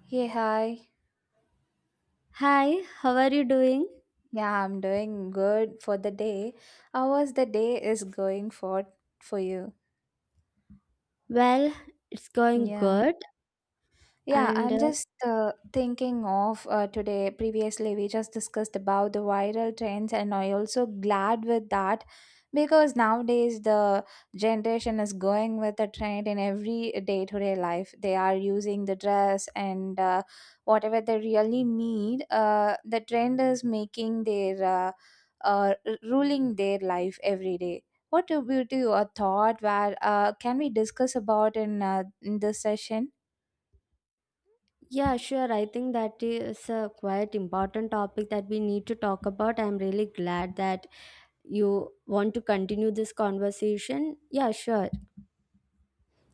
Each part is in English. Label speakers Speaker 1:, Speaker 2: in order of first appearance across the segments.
Speaker 1: Hey, hi.
Speaker 2: Hi, how are you doing?
Speaker 1: Yeah, I'm doing good for the day. How was the day is going for you?
Speaker 2: Well, it's going
Speaker 1: Yeah.
Speaker 2: good.
Speaker 1: Yeah,
Speaker 2: And
Speaker 1: I'm just thinking of today. Previously, we just discussed about the viral trends, and I also glad with that because nowadays the generation is going with the trend in every day-to-day life. They are using the dress and whatever they really need. The trend is making ruling their life every day. What about you? A thought where can we discuss about in this session?
Speaker 2: yeah, sure. I think that is a quite important topic that we need to talk about. I'm really glad that you want to continue this conversation. Yeah, sure.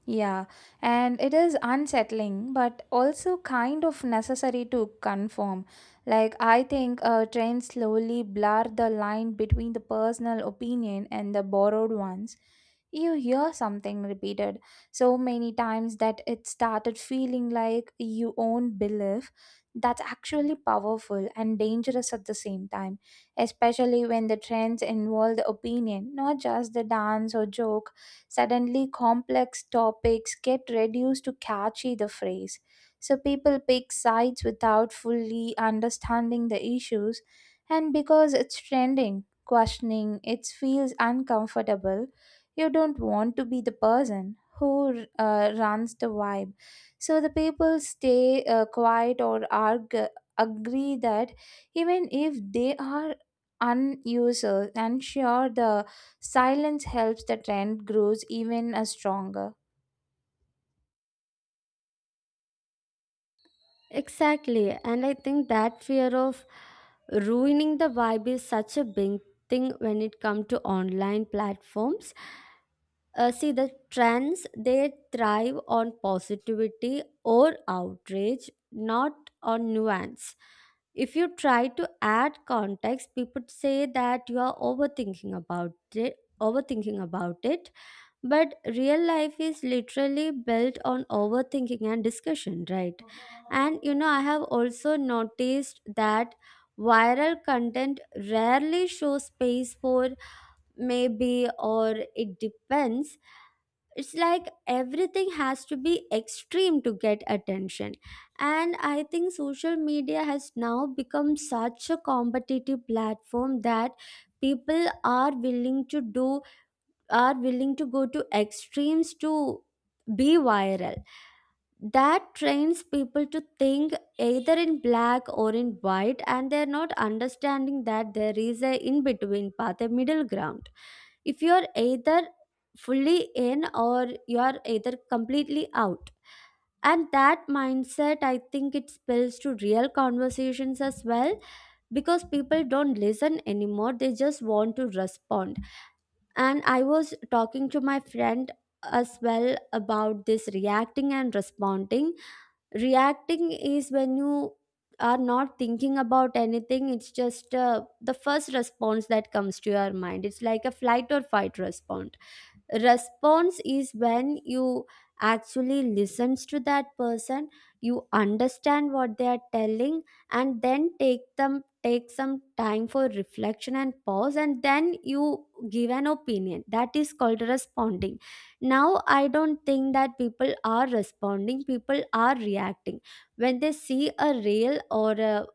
Speaker 1: Yeah, and it is unsettling, but also kind of necessary to conform. Like, I think trends slowly blur the line between the personal opinion and the borrowed ones. You hear something repeated so many times that it started feeling like you own belief. That's actually powerful and dangerous at the same time, especially when the trends involve the opinion, not just the dance or joke. Suddenly, complex topics get reduced to catchy the phrase. So people pick sides without fully understanding the issues, and because it's trending, questioning it feels uncomfortable. You don't want to be the person who runs the vibe. So the people stay quiet or argue, agree that even if they are unusers and sure the silence helps the trend grows even stronger.
Speaker 2: Exactly. And I think that fear of ruining the vibe is such a big thing when it comes to online platforms. See, the trends they thrive on positivity or outrage, not on nuance. If you try to add context, people say that you are overthinking about it. Overthinking about it, but real life is literally built on overthinking and discussion, right? And you know, I have also noticed that viral content rarely shows space for maybe or it depends. It's like everything has to be extreme to get attention, and I think social media has now become such a competitive platform that people are willing to do are willing to go to extremes to be viral. That trains people to think either in black or in white, and they're not understanding that there is a in between path, a middle ground. If you're either fully in or you're either completely out, and that mindset, I think it spills to real conversations as well, because people don't listen anymore, they just want to respond. And I was talking to my friend as well about this reacting and responding. Reacting is when you are not thinking about anything, it's just the first response that comes to your mind, it's like a flight or fight response. Response is when you actually listens to that person, you understand what they are telling, and then take some time for reflection and pause, and then you give an opinion. That is called responding. Now I don't think that people are responding, people are reacting. When they see a reel or a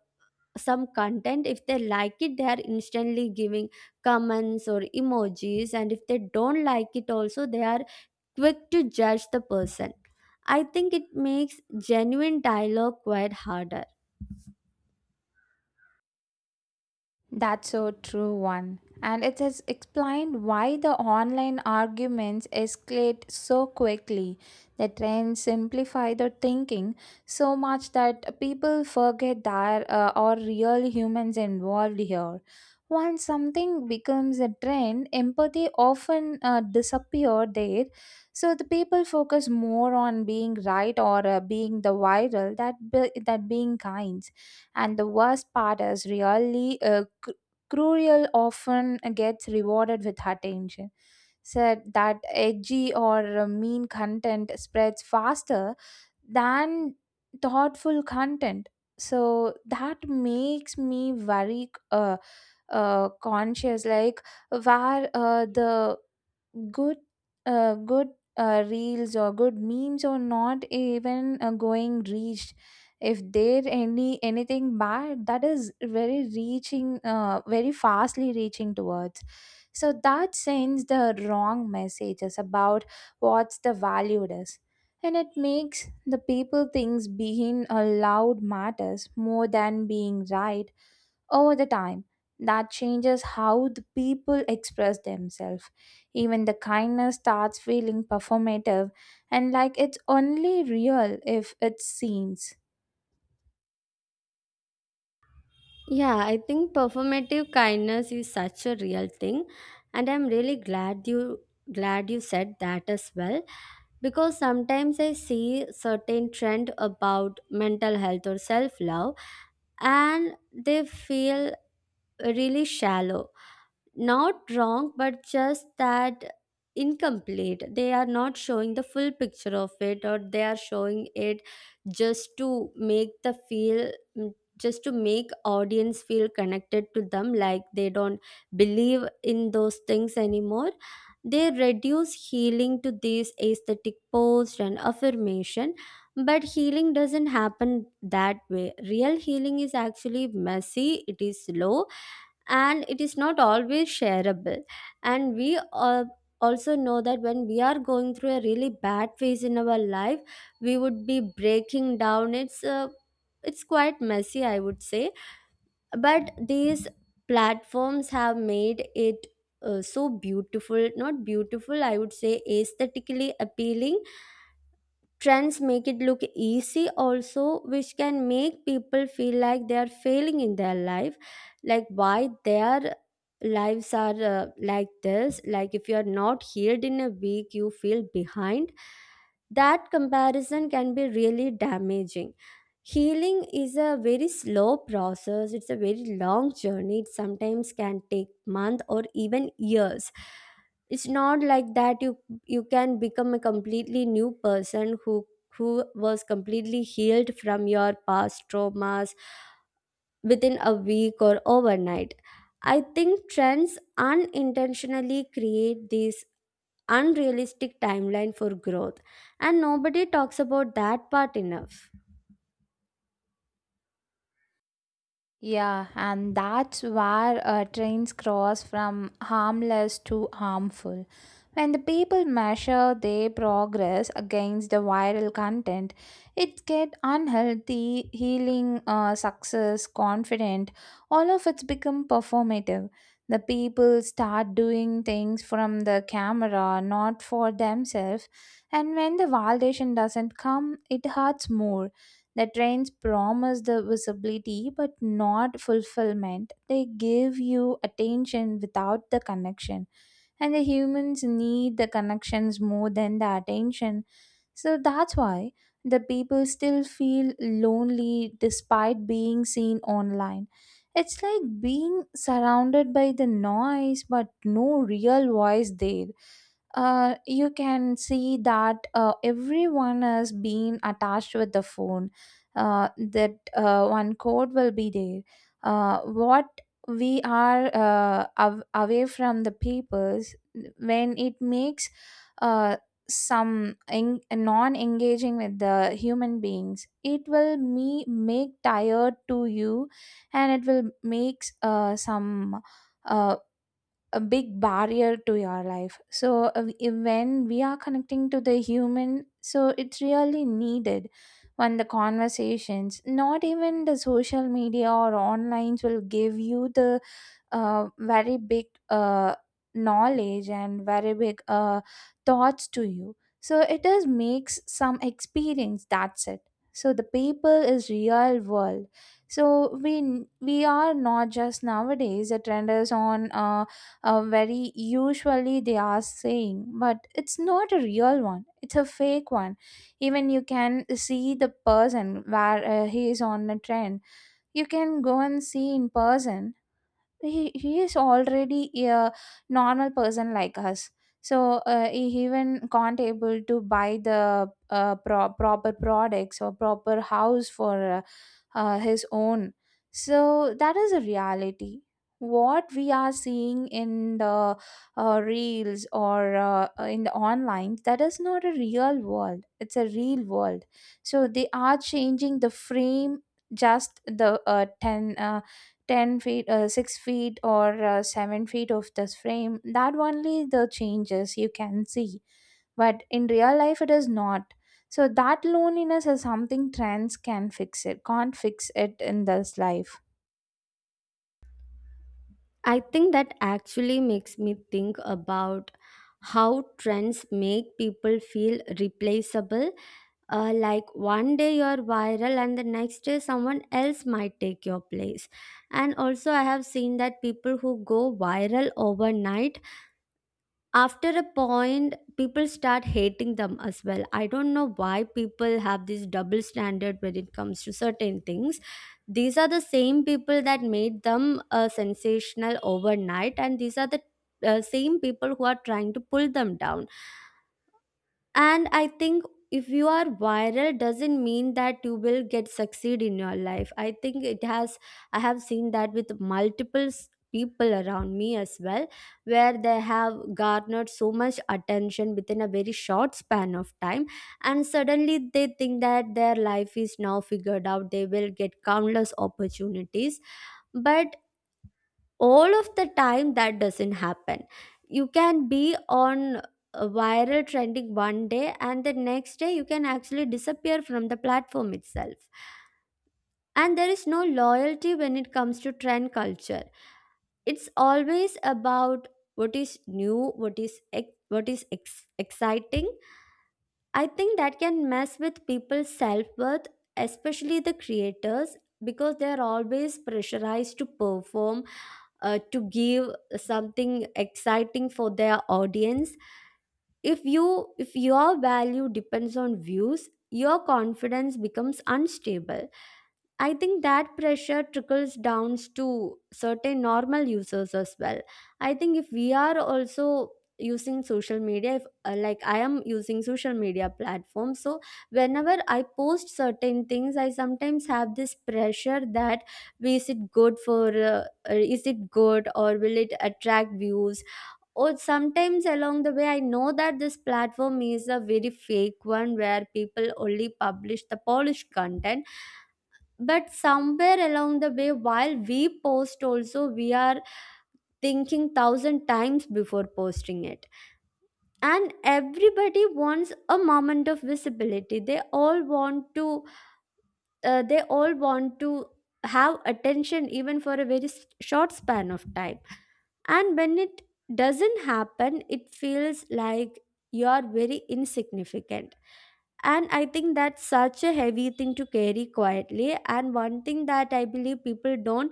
Speaker 2: some content, if they like it they are instantly giving comments or emojis, and if they don't like it also they are quick to judge the person. I think it makes genuine dialogue quite harder.
Speaker 1: That's so true one. And it has explained why the online arguments escalate so quickly. The trends simplify the thinking so much that people forget there are real humans involved here. Once something becomes a trend, empathy often disappear there. So the people focus more on being right or being the viral that being kind, and the worst part is really cruel often gets rewarded with attention, said that edgy or mean content spreads faster than thoughtful content. So that makes me very conscious, like where the good good reels or good memes or not even going reached, if there any anything bad that is very reaching very fastly reaching towards. So that sends the wrong messages about what's the valued is, and it makes the people thinks being allowed matters more than being right. Over the time, that changes how the people express themselves. Even the kindness starts feeling performative, and like it's only real if it seems.
Speaker 2: Yeah, I think performative kindness is such a real thing, and I'm really glad you said that as well. Because sometimes I see certain trend about mental health or self love, and they feel really shallow. Not wrong, but just that incomplete. They are not showing the full picture of it, or they are showing it just to make audience feel connected to them, like they don't believe in those things anymore. They reduce healing to these aesthetic posts and affirmation, but healing doesn't happen that way. Real healing is actually messy, it is slow, and it is not always shareable. And also know that when we are going through a really bad phase in our life, we would be breaking down. It's quite messy, I would say. But these platforms have made it so beautiful. Not beautiful, I would say aesthetically appealing. Trends make it look easy also, which can make people feel like they are failing in their life. Like why their lives are like this. Like if you are not healed in a week, you feel behind. That comparison can be really damaging. Healing is a very slow process. It's a very long journey. It sometimes can take months or even years. It's not like that you can become a completely new person who who was completely healed from your past traumas within a week or overnight. I think trends unintentionally create this unrealistic timeline for growth, and nobody talks about that part enough.
Speaker 1: Yeah, and that's where trains cross from harmless to harmful. When the people measure their progress against the viral content, it get unhealthy, healing, success, confident. All of it's become performative. The people start doing things from the camera, not for themselves. And when the validation doesn't come, it hurts more. The trains promise the visibility but not fulfillment. They give you attention without the connection. And the humans need the connections more than the attention, so that's why the people still feel lonely despite being seen online. It's like being surrounded by the noise but no real voice there. You can see that everyone has been attached with the phone. That one code will be there. What we are away from the papers, when it makes uh, some non-engaging with the human beings, it will me make tired to you, and it will makes some uh, a big barrier to your life. So when we are connecting to the human, so it's really needed. When the conversations, not even the social media or online, will give you the very big knowledge and very big thoughts to you, so it is makes some experience, that's it. So the people is real world. So we we are not just nowadays the trend is on a very usually they are saying, but it's not a real one, it's a fake one. Even you can see the person where he is on a trend, you can go and see in person, he is already a normal person like us. So he even can't able to buy the proper products or proper house for his own. So that is a reality. What we are seeing in the reels or in the online, that is not a real world, it's a real world. So they are changing the frame, just the 10 10 feet 6 feet or 7 feet of this frame, that only the changes you can see, but in real life it is not. So that loneliness is something trends can fix, it can't fix it in this life.
Speaker 2: I think that actually makes me think about how trends make people feel replaceable. Like one day you're viral, and the next day someone else might take your place. And also, I have seen that people who go viral overnight, after a point people start hating them as well. I don't know why people have this double standard when it comes to certain things. These are the same people that made them sensational overnight, and these are the same people who are trying to pull them down. And I think if you are viral doesn't mean that you will get succeed in your life. I think it has, I have seen that with multiple people around me as well, where they have garnered so much attention within a very short span of time, and suddenly they think that their life is now figured out, they will get countless opportunities. But all of the time that doesn't happen. You can be on a viral trending one day, and the next day you can actually disappear from the platform itself. And there is no loyalty when it comes to trend culture. It's always about what is new, exciting. I think that can mess with people's self worth, especially the creators, because they are always pressurized to perform, to give something exciting for their audience. If you if your value depends on views, your confidence becomes unstable. I think that pressure trickles down to certain normal users as well. I think if we are also using social media, if like I am using social media platform, so whenever I post certain things, I sometimes have this pressure that is it good or will it attract views? Or sometimes along the way, I know that this platform is a very fake one where people only publish the polished content, but somewhere along the way while we post also, we are thinking thousand times before posting it. And everybody wants a moment of visibility, they all want to have attention even for a very short span of time. And when it doesn't happen, it feels like you're very insignificant. And I think that's such a heavy thing to carry quietly. And one thing that I believe people don't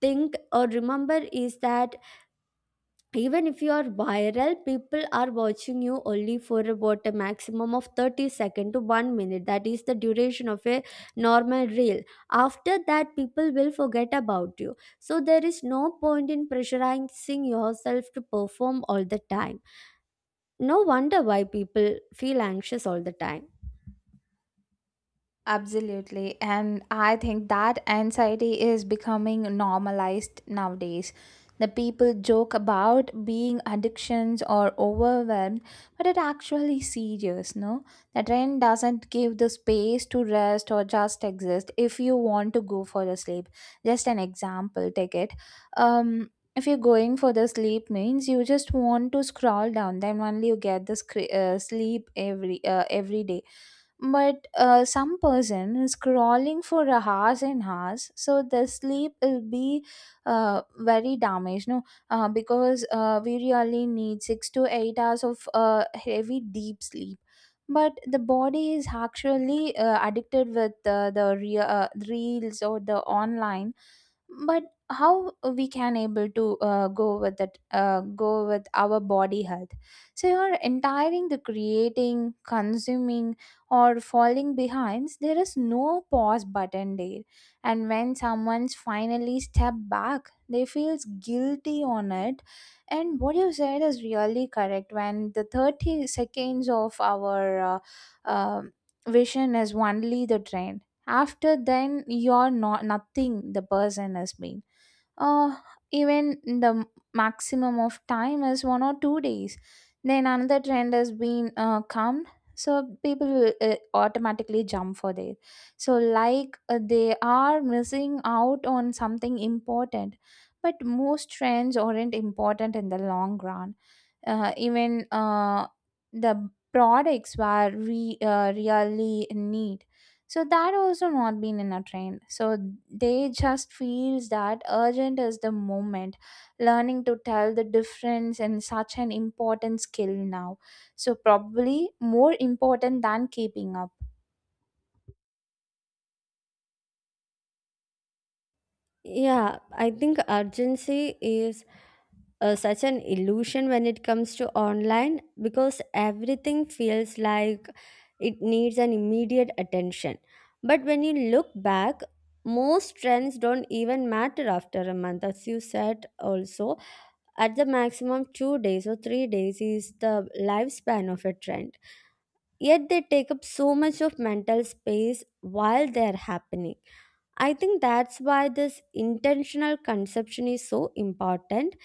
Speaker 2: think or remember is that even if you are viral, people are watching you only for about a maximum of 30 second to 1 minute. That is the duration of a normal reel. After that, people will forget about you. So there is no point in pressurizing yourself to perform all the time. No wonder why people feel anxious all the time.
Speaker 1: Absolutely. And I think that anxiety is becoming normalized nowadays. The people joke about being addictions or overwhelmed, but it actually serious, no? The trend doesn't give the space to rest or just exist. If you want to go for the sleep, just an example, take it. If you're going for the sleep means you just want to scroll down, then only you get the sleep every day. But some person is crawling for a hours and hours, so the sleep will be very damaged, no? Because we really need 6 to 8 hours of heavy deep sleep, but the body is actually addicted with the real reels or the online. But how we can able to go with that, go with our body health? So you're entiring the creating consuming or falling behinds, there is no pause button there. And when someone's finally step back, they feels guilty on it. And what you said is really correct, when the 30 seconds of our uh, um vision is only the trend, after then you're not nothing, the person has been uh even the maximum of time is 1 or 2 days, then another trend has been come. So people will automatically jump for there. So like they are missing out on something important, but most trends aren't important in the long run. Even the products were really need, so that also not been in a trend, so they just feels that urgent is the moment. Learning to tell the difference in such an important skill now, so probably more important than keeping up.
Speaker 2: Yeah, I think urgency is such an illusion when it comes to online, because everything feels like it needs an immediate attention. But when you look back, most trends don't even matter after a month, as you said also. At the maximum, 2 days or 3 days is the lifespan of a trend. Yet they take up so much of mental space while they're happening. I think that's why this intentional conception is so important,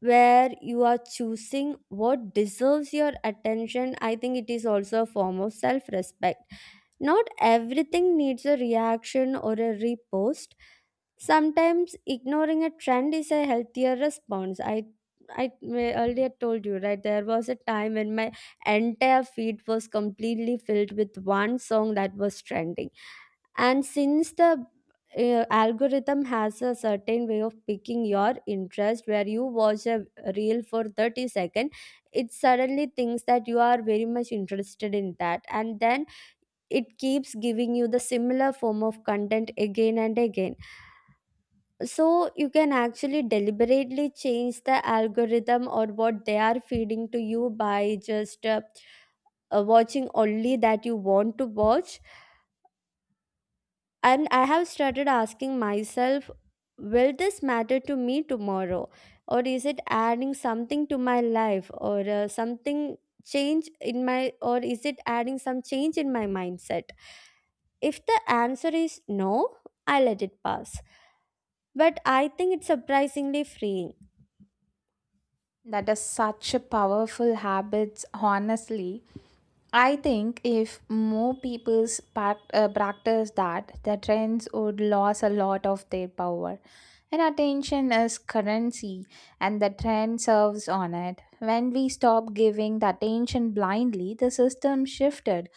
Speaker 2: where you are choosing what deserves your attention. I think it is also a form of self respect. Not everything needs a reaction or a repost. Sometimes ignoring a trend is a healthier response. I earlier told you, right? There was a time when my entire feed was completely filled with one song that was trending. And since the algorithm has a certain way of picking your interest, where you watch a reel for 30 seconds, it suddenly thinks that you are very much interested in that, and then it keeps giving you the similar form of content again and again. So you can actually deliberately change the algorithm or what they are feeding to you by just watching only that you want to watch. And I have started asking myself, will this matter to me tomorrow? Or is it adding something to my life, or something change in my, or is it adding some change in my mindset? If the answer is no, I let it pass. But I think it's surprisingly freeing.
Speaker 1: That is such a powerful habits, honestly. I think if more people practice that, the trends would lose a lot of their power. And attention is currency, and the trend serves on it. When we stop giving the attention blindly, the system shifted.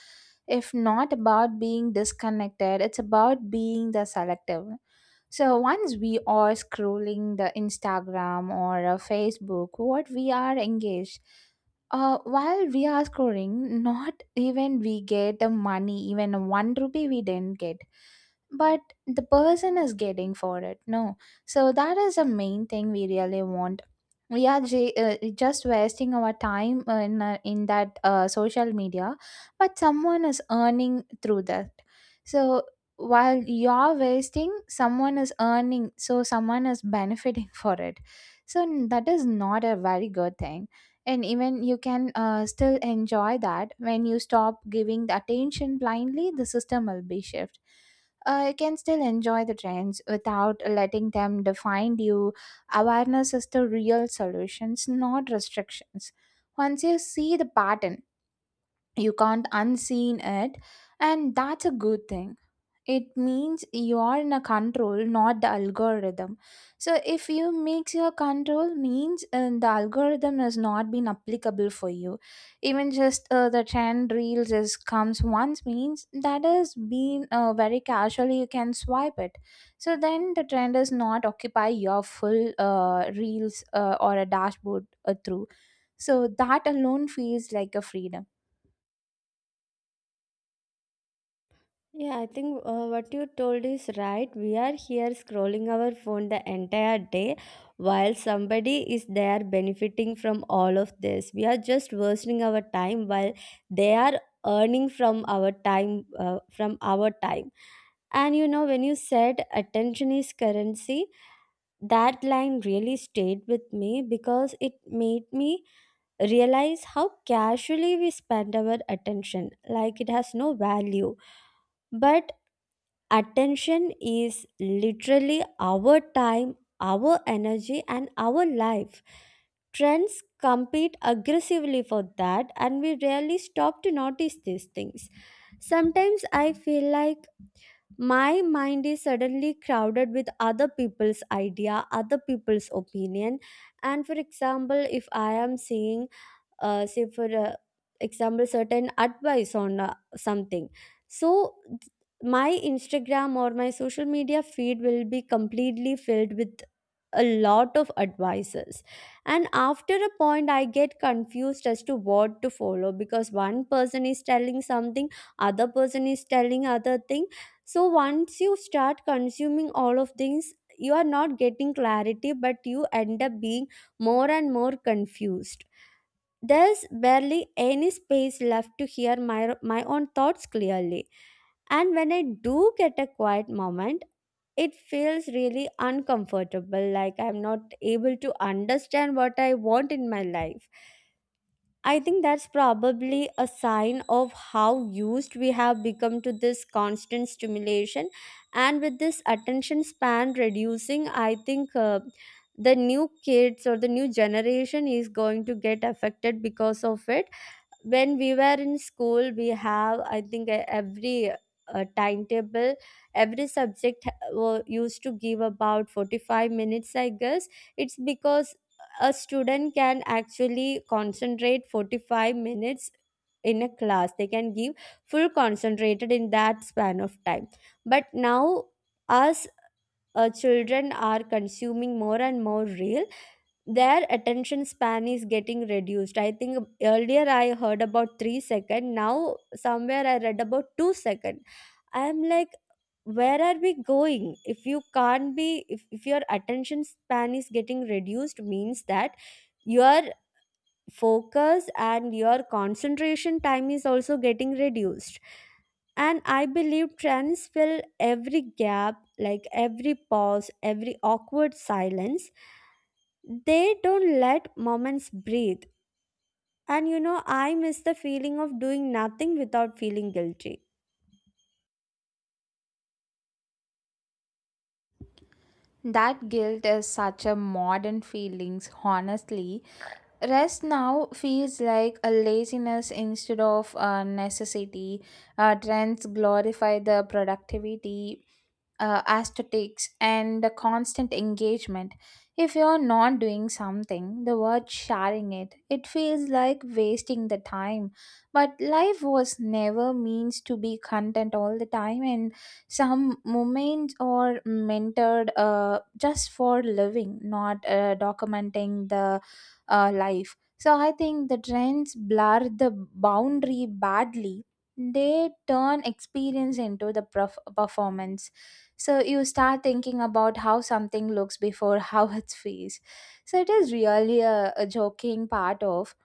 Speaker 1: If not about being disconnected, it's about being the selective. So once we are scrolling the Instagram or Facebook, what we are engaged, while we are scrolling, not even we get the money, even one rupee we didn't get, but the person is getting for it, no? So that is the main thing we really want. We are just wasting our time in that social media, but someone is earning through that. So while you're wasting, someone is earning, so someone is benefiting for it. So that is not a very good thing. And even you can still enjoy that. When you stop giving the attention blindly, the system will be shift. You can still enjoy the trends without letting them define you. Awareness is the real solutions, not restrictions. Once you see the pattern, you can't unseen it, and that's a good thing, it means you are in a control, not the algorithm. So if you mix your control means the algorithm has not been applicable for you. Even just the trend reels is comes once means that has been very casually you can swipe it. So then the trend does not occupy your full reels or a dashboard through. So that alone feels like a freedom.
Speaker 2: Yeah, I think what you told is right. We are here scrolling our phone the entire day while somebody is there benefiting from all of this. We are just wasting our time while they are earning from our time from our time. And you know, when you said attention is currency, that line really stayed with me, because it made me realize how casually we spend our attention, like it has no value. But attention is literally our time, our energy, and our life. Trends compete aggressively for that, and we rarely stop to notice these things. Sometimes I feel like my mind is suddenly crowded with other people's idea, other people's opinion. And for example, if I am seeing say for example, certain advice on something. so th- my Instagram or my social media feed will be completely filled with a lot of advices, and after a point I get confused as to what to follow, because one person is telling something, other person is telling other thing. So once you start consuming all of things, you are not getting clarity but you end up being more and more confused. There's barely any space left to hear my own thoughts clearly, and when I do get a quiet moment, it feels really uncomfortable, like I'm not able to understand what I want in my life. I think that's probably a sign of how used we have become to this constant stimulation. And with this attention span reducing, I think the new kids or the new generation is going to get affected because of it. When we were in school, we have, I think, every timetable, every subject used to give about 45 minutes, I guess. It's because a student can actually concentrate 45 minutes in a class. They can give full concentrated in that span of time. But now, us children are consuming more and more reel. Their attention span is getting reduced. I think earlier I heard about three second, now somewhere I read about two second. I'm like, where are we going? If you can't be, if your attention span is getting reduced, means that your focus and your concentration time is also getting reduced. And I believe trends fill every gap, like every pause, every awkward silence. They don't let moments breathe. And you know, I miss the feeling of doing nothing without feeling guilty.
Speaker 1: That guilt is such a modern feelings, honestly. Rest now feels like a laziness instead of a necessity. Trends glorify the productivity aesthetics and the constant engagement. If you're not doing something the word sharing it, it feels like wasting the time. But life was never means to be content all the time, and some moments are mentored just for living, not documenting the life. So I think the trends blur the boundary badly, they turn experience into the performance. So you start thinking about how something looks before how it feels. So it is really a joking part of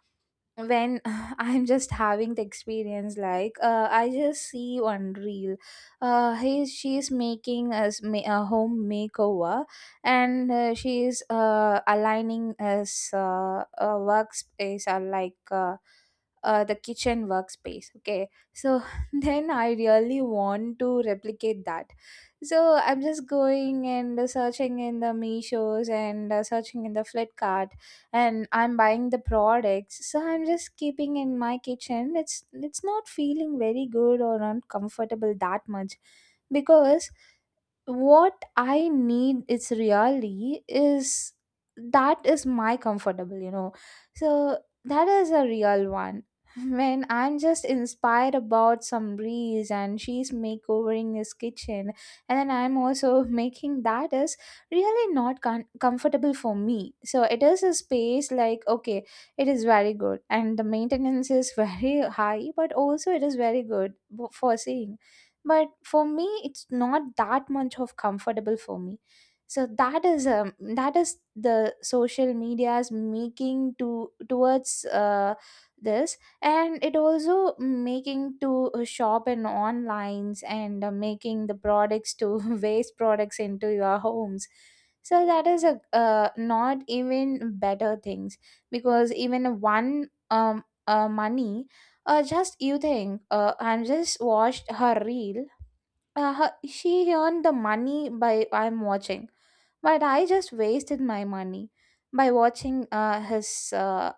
Speaker 1: when I'm just having the experience, like I just see one reel, he she's making a home makeover. And she's aligning as a workspace or like the kitchen workspace, okay. So then I really want to replicate that, so I'm just going and searching in the meshos and searching in the flipkart, and I'm buying the products, so I'm just keeping in my kitchen. It's not feeling very good or uncomfortable that much, because what I need is really is, that is my comfortable, you know. So that is a real one when I'm just inspired about some breeze and she's makeovering his kitchen, and then I'm also making that, is really not comfortable for me. So it is a space like, okay, it is very good, and the maintenance is very high, but also it is very good for seeing. But for me, it's not that much of comfortable for me. So that is the social media's making to towards this, and it also making to shop in onlines and making the products to waste products into your homes. So that is a not even better things, because even one money, just you think, I'm just watched her reel, she earned the money by I'm watching, but I just wasted my money by watching his uh,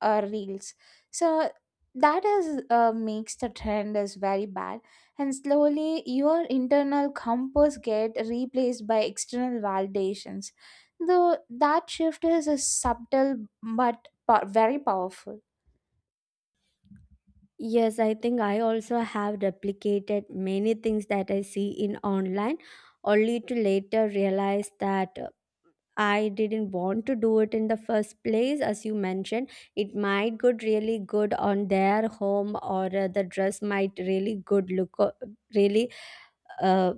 Speaker 1: reels. So that is makes the trend is very bad, and slowly your internal compass get replaced by external validations. Though that shift is a subtle but very powerful.
Speaker 2: Yes, I think I also have replicated many things that I see in online, only to later realize that I didn't want to do it in the first place. As you mentioned, it might good really good on their home, or the dress might really good look, really uh,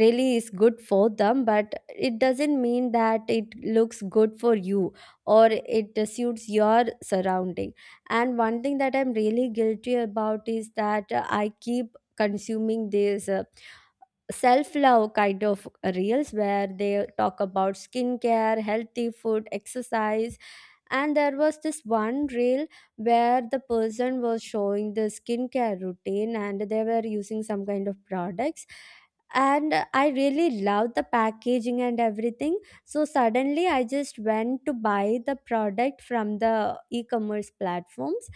Speaker 2: really is good for them, but it doesn't mean that it looks good for you or it suits your surrounding. And one thing that I'm really guilty about is that I keep consuming these self love kind of reels, where they talk about skincare, healthy food, exercise. And there was this one reel where the person was showing the skincare routine, and they were using some kind of products, and I really loved the packaging and everything. So suddenly I just went to buy the product from the e-commerce platforms,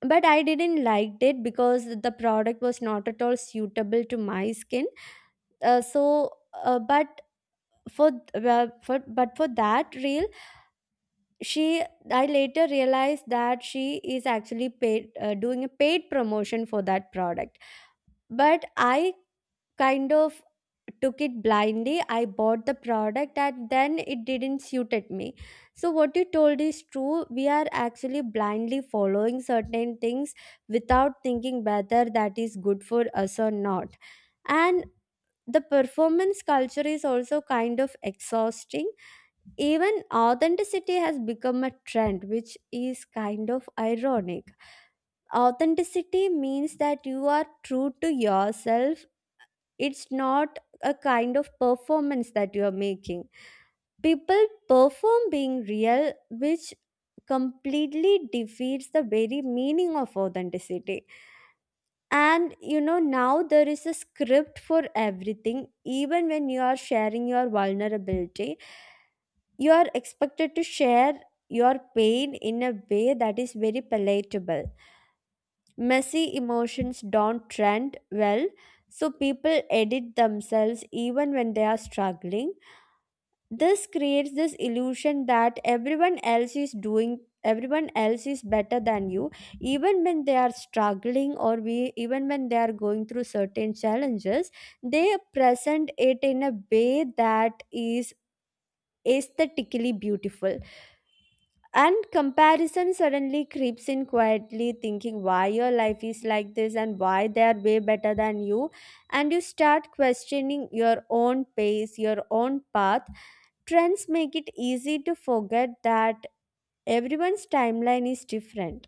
Speaker 2: but I didn't liked it because the product was not at all suitable to my skin. Uh, so uh, but for well, for but for that reel, she I later realized that she is actually paid, doing a paid promotion for that product. But I kind of took it blindly. I bought the product, and then it didn't suited me. So what you told is true. We are actually blindly following certain things without thinking whether that is good for us or not. And the performance culture is also kind of exhausting. Even authenticity has become a trend, which is kind of ironic. Authenticity means that you are true to yourself, it's not a kind of performance that you are making. People perform being real, which completely defeats the very meaning of authenticity. And you know, now there is a script for everything. Even when you are sharing your vulnerability, you are expected to share your pain in a way that is very palatable. Messy emotions don't trend well, so people edit themselves even when they are struggling. This creates this illusion that everyone else is better than you, even when they are struggling, or we even when they are going through certain challenges, they present it in a way that is aesthetically beautiful. And comparison suddenly creeps in quietly, thinking why your life is like this and why they are way better than you. And you start questioning your own pace, your own path. Trends make it easy to forget that everyone's timeline is different.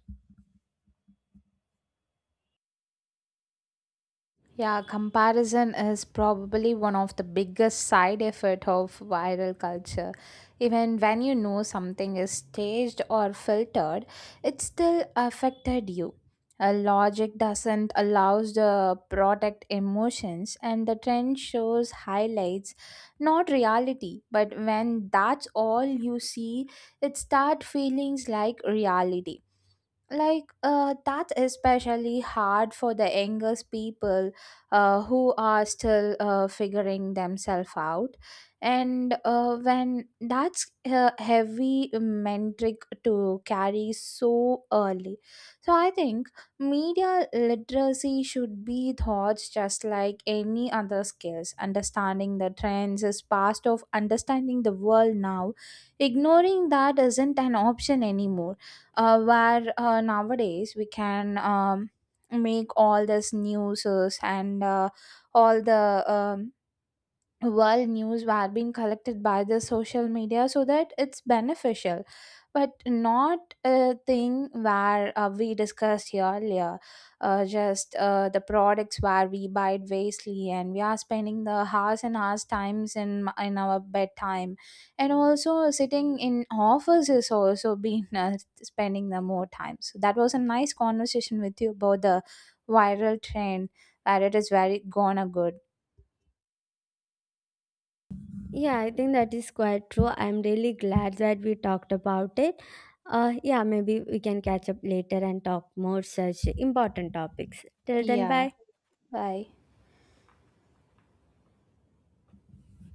Speaker 1: Yeah, comparison is probably one of the biggest side effect of viral culture. Even when you know something is staged or filtered, it still affected you. A logic doesn't allows the product emotions, and the trend shows highlights, not reality. But when that's all you see, it start feelings like reality, like that's especially hard for the youngest people who are still figuring themselves out, and when that's a heavy metric to carry so early. So I think media literacy should be taught just like any other skills. Understanding the trends is part of understanding the world now, ignoring that isn't an option anymore. Where nowadays we can make all this news and all the world news were being collected by the social media, so that it's beneficial. But not a thing where we discussed here earlier, just the products where we buy it wastely, and we are spending the hours and hours times in our bedtime, and also sitting in office is also been spending the more time. So that was a nice conversation with you about the viral trend, where it is very gonna good.
Speaker 2: Yeah, I think that is quite true. I'm really glad that we talked about it. Yeah, maybe we can catch up later and talk more such important topics. Till then,
Speaker 1: Yeah,
Speaker 2: bye.
Speaker 1: bye.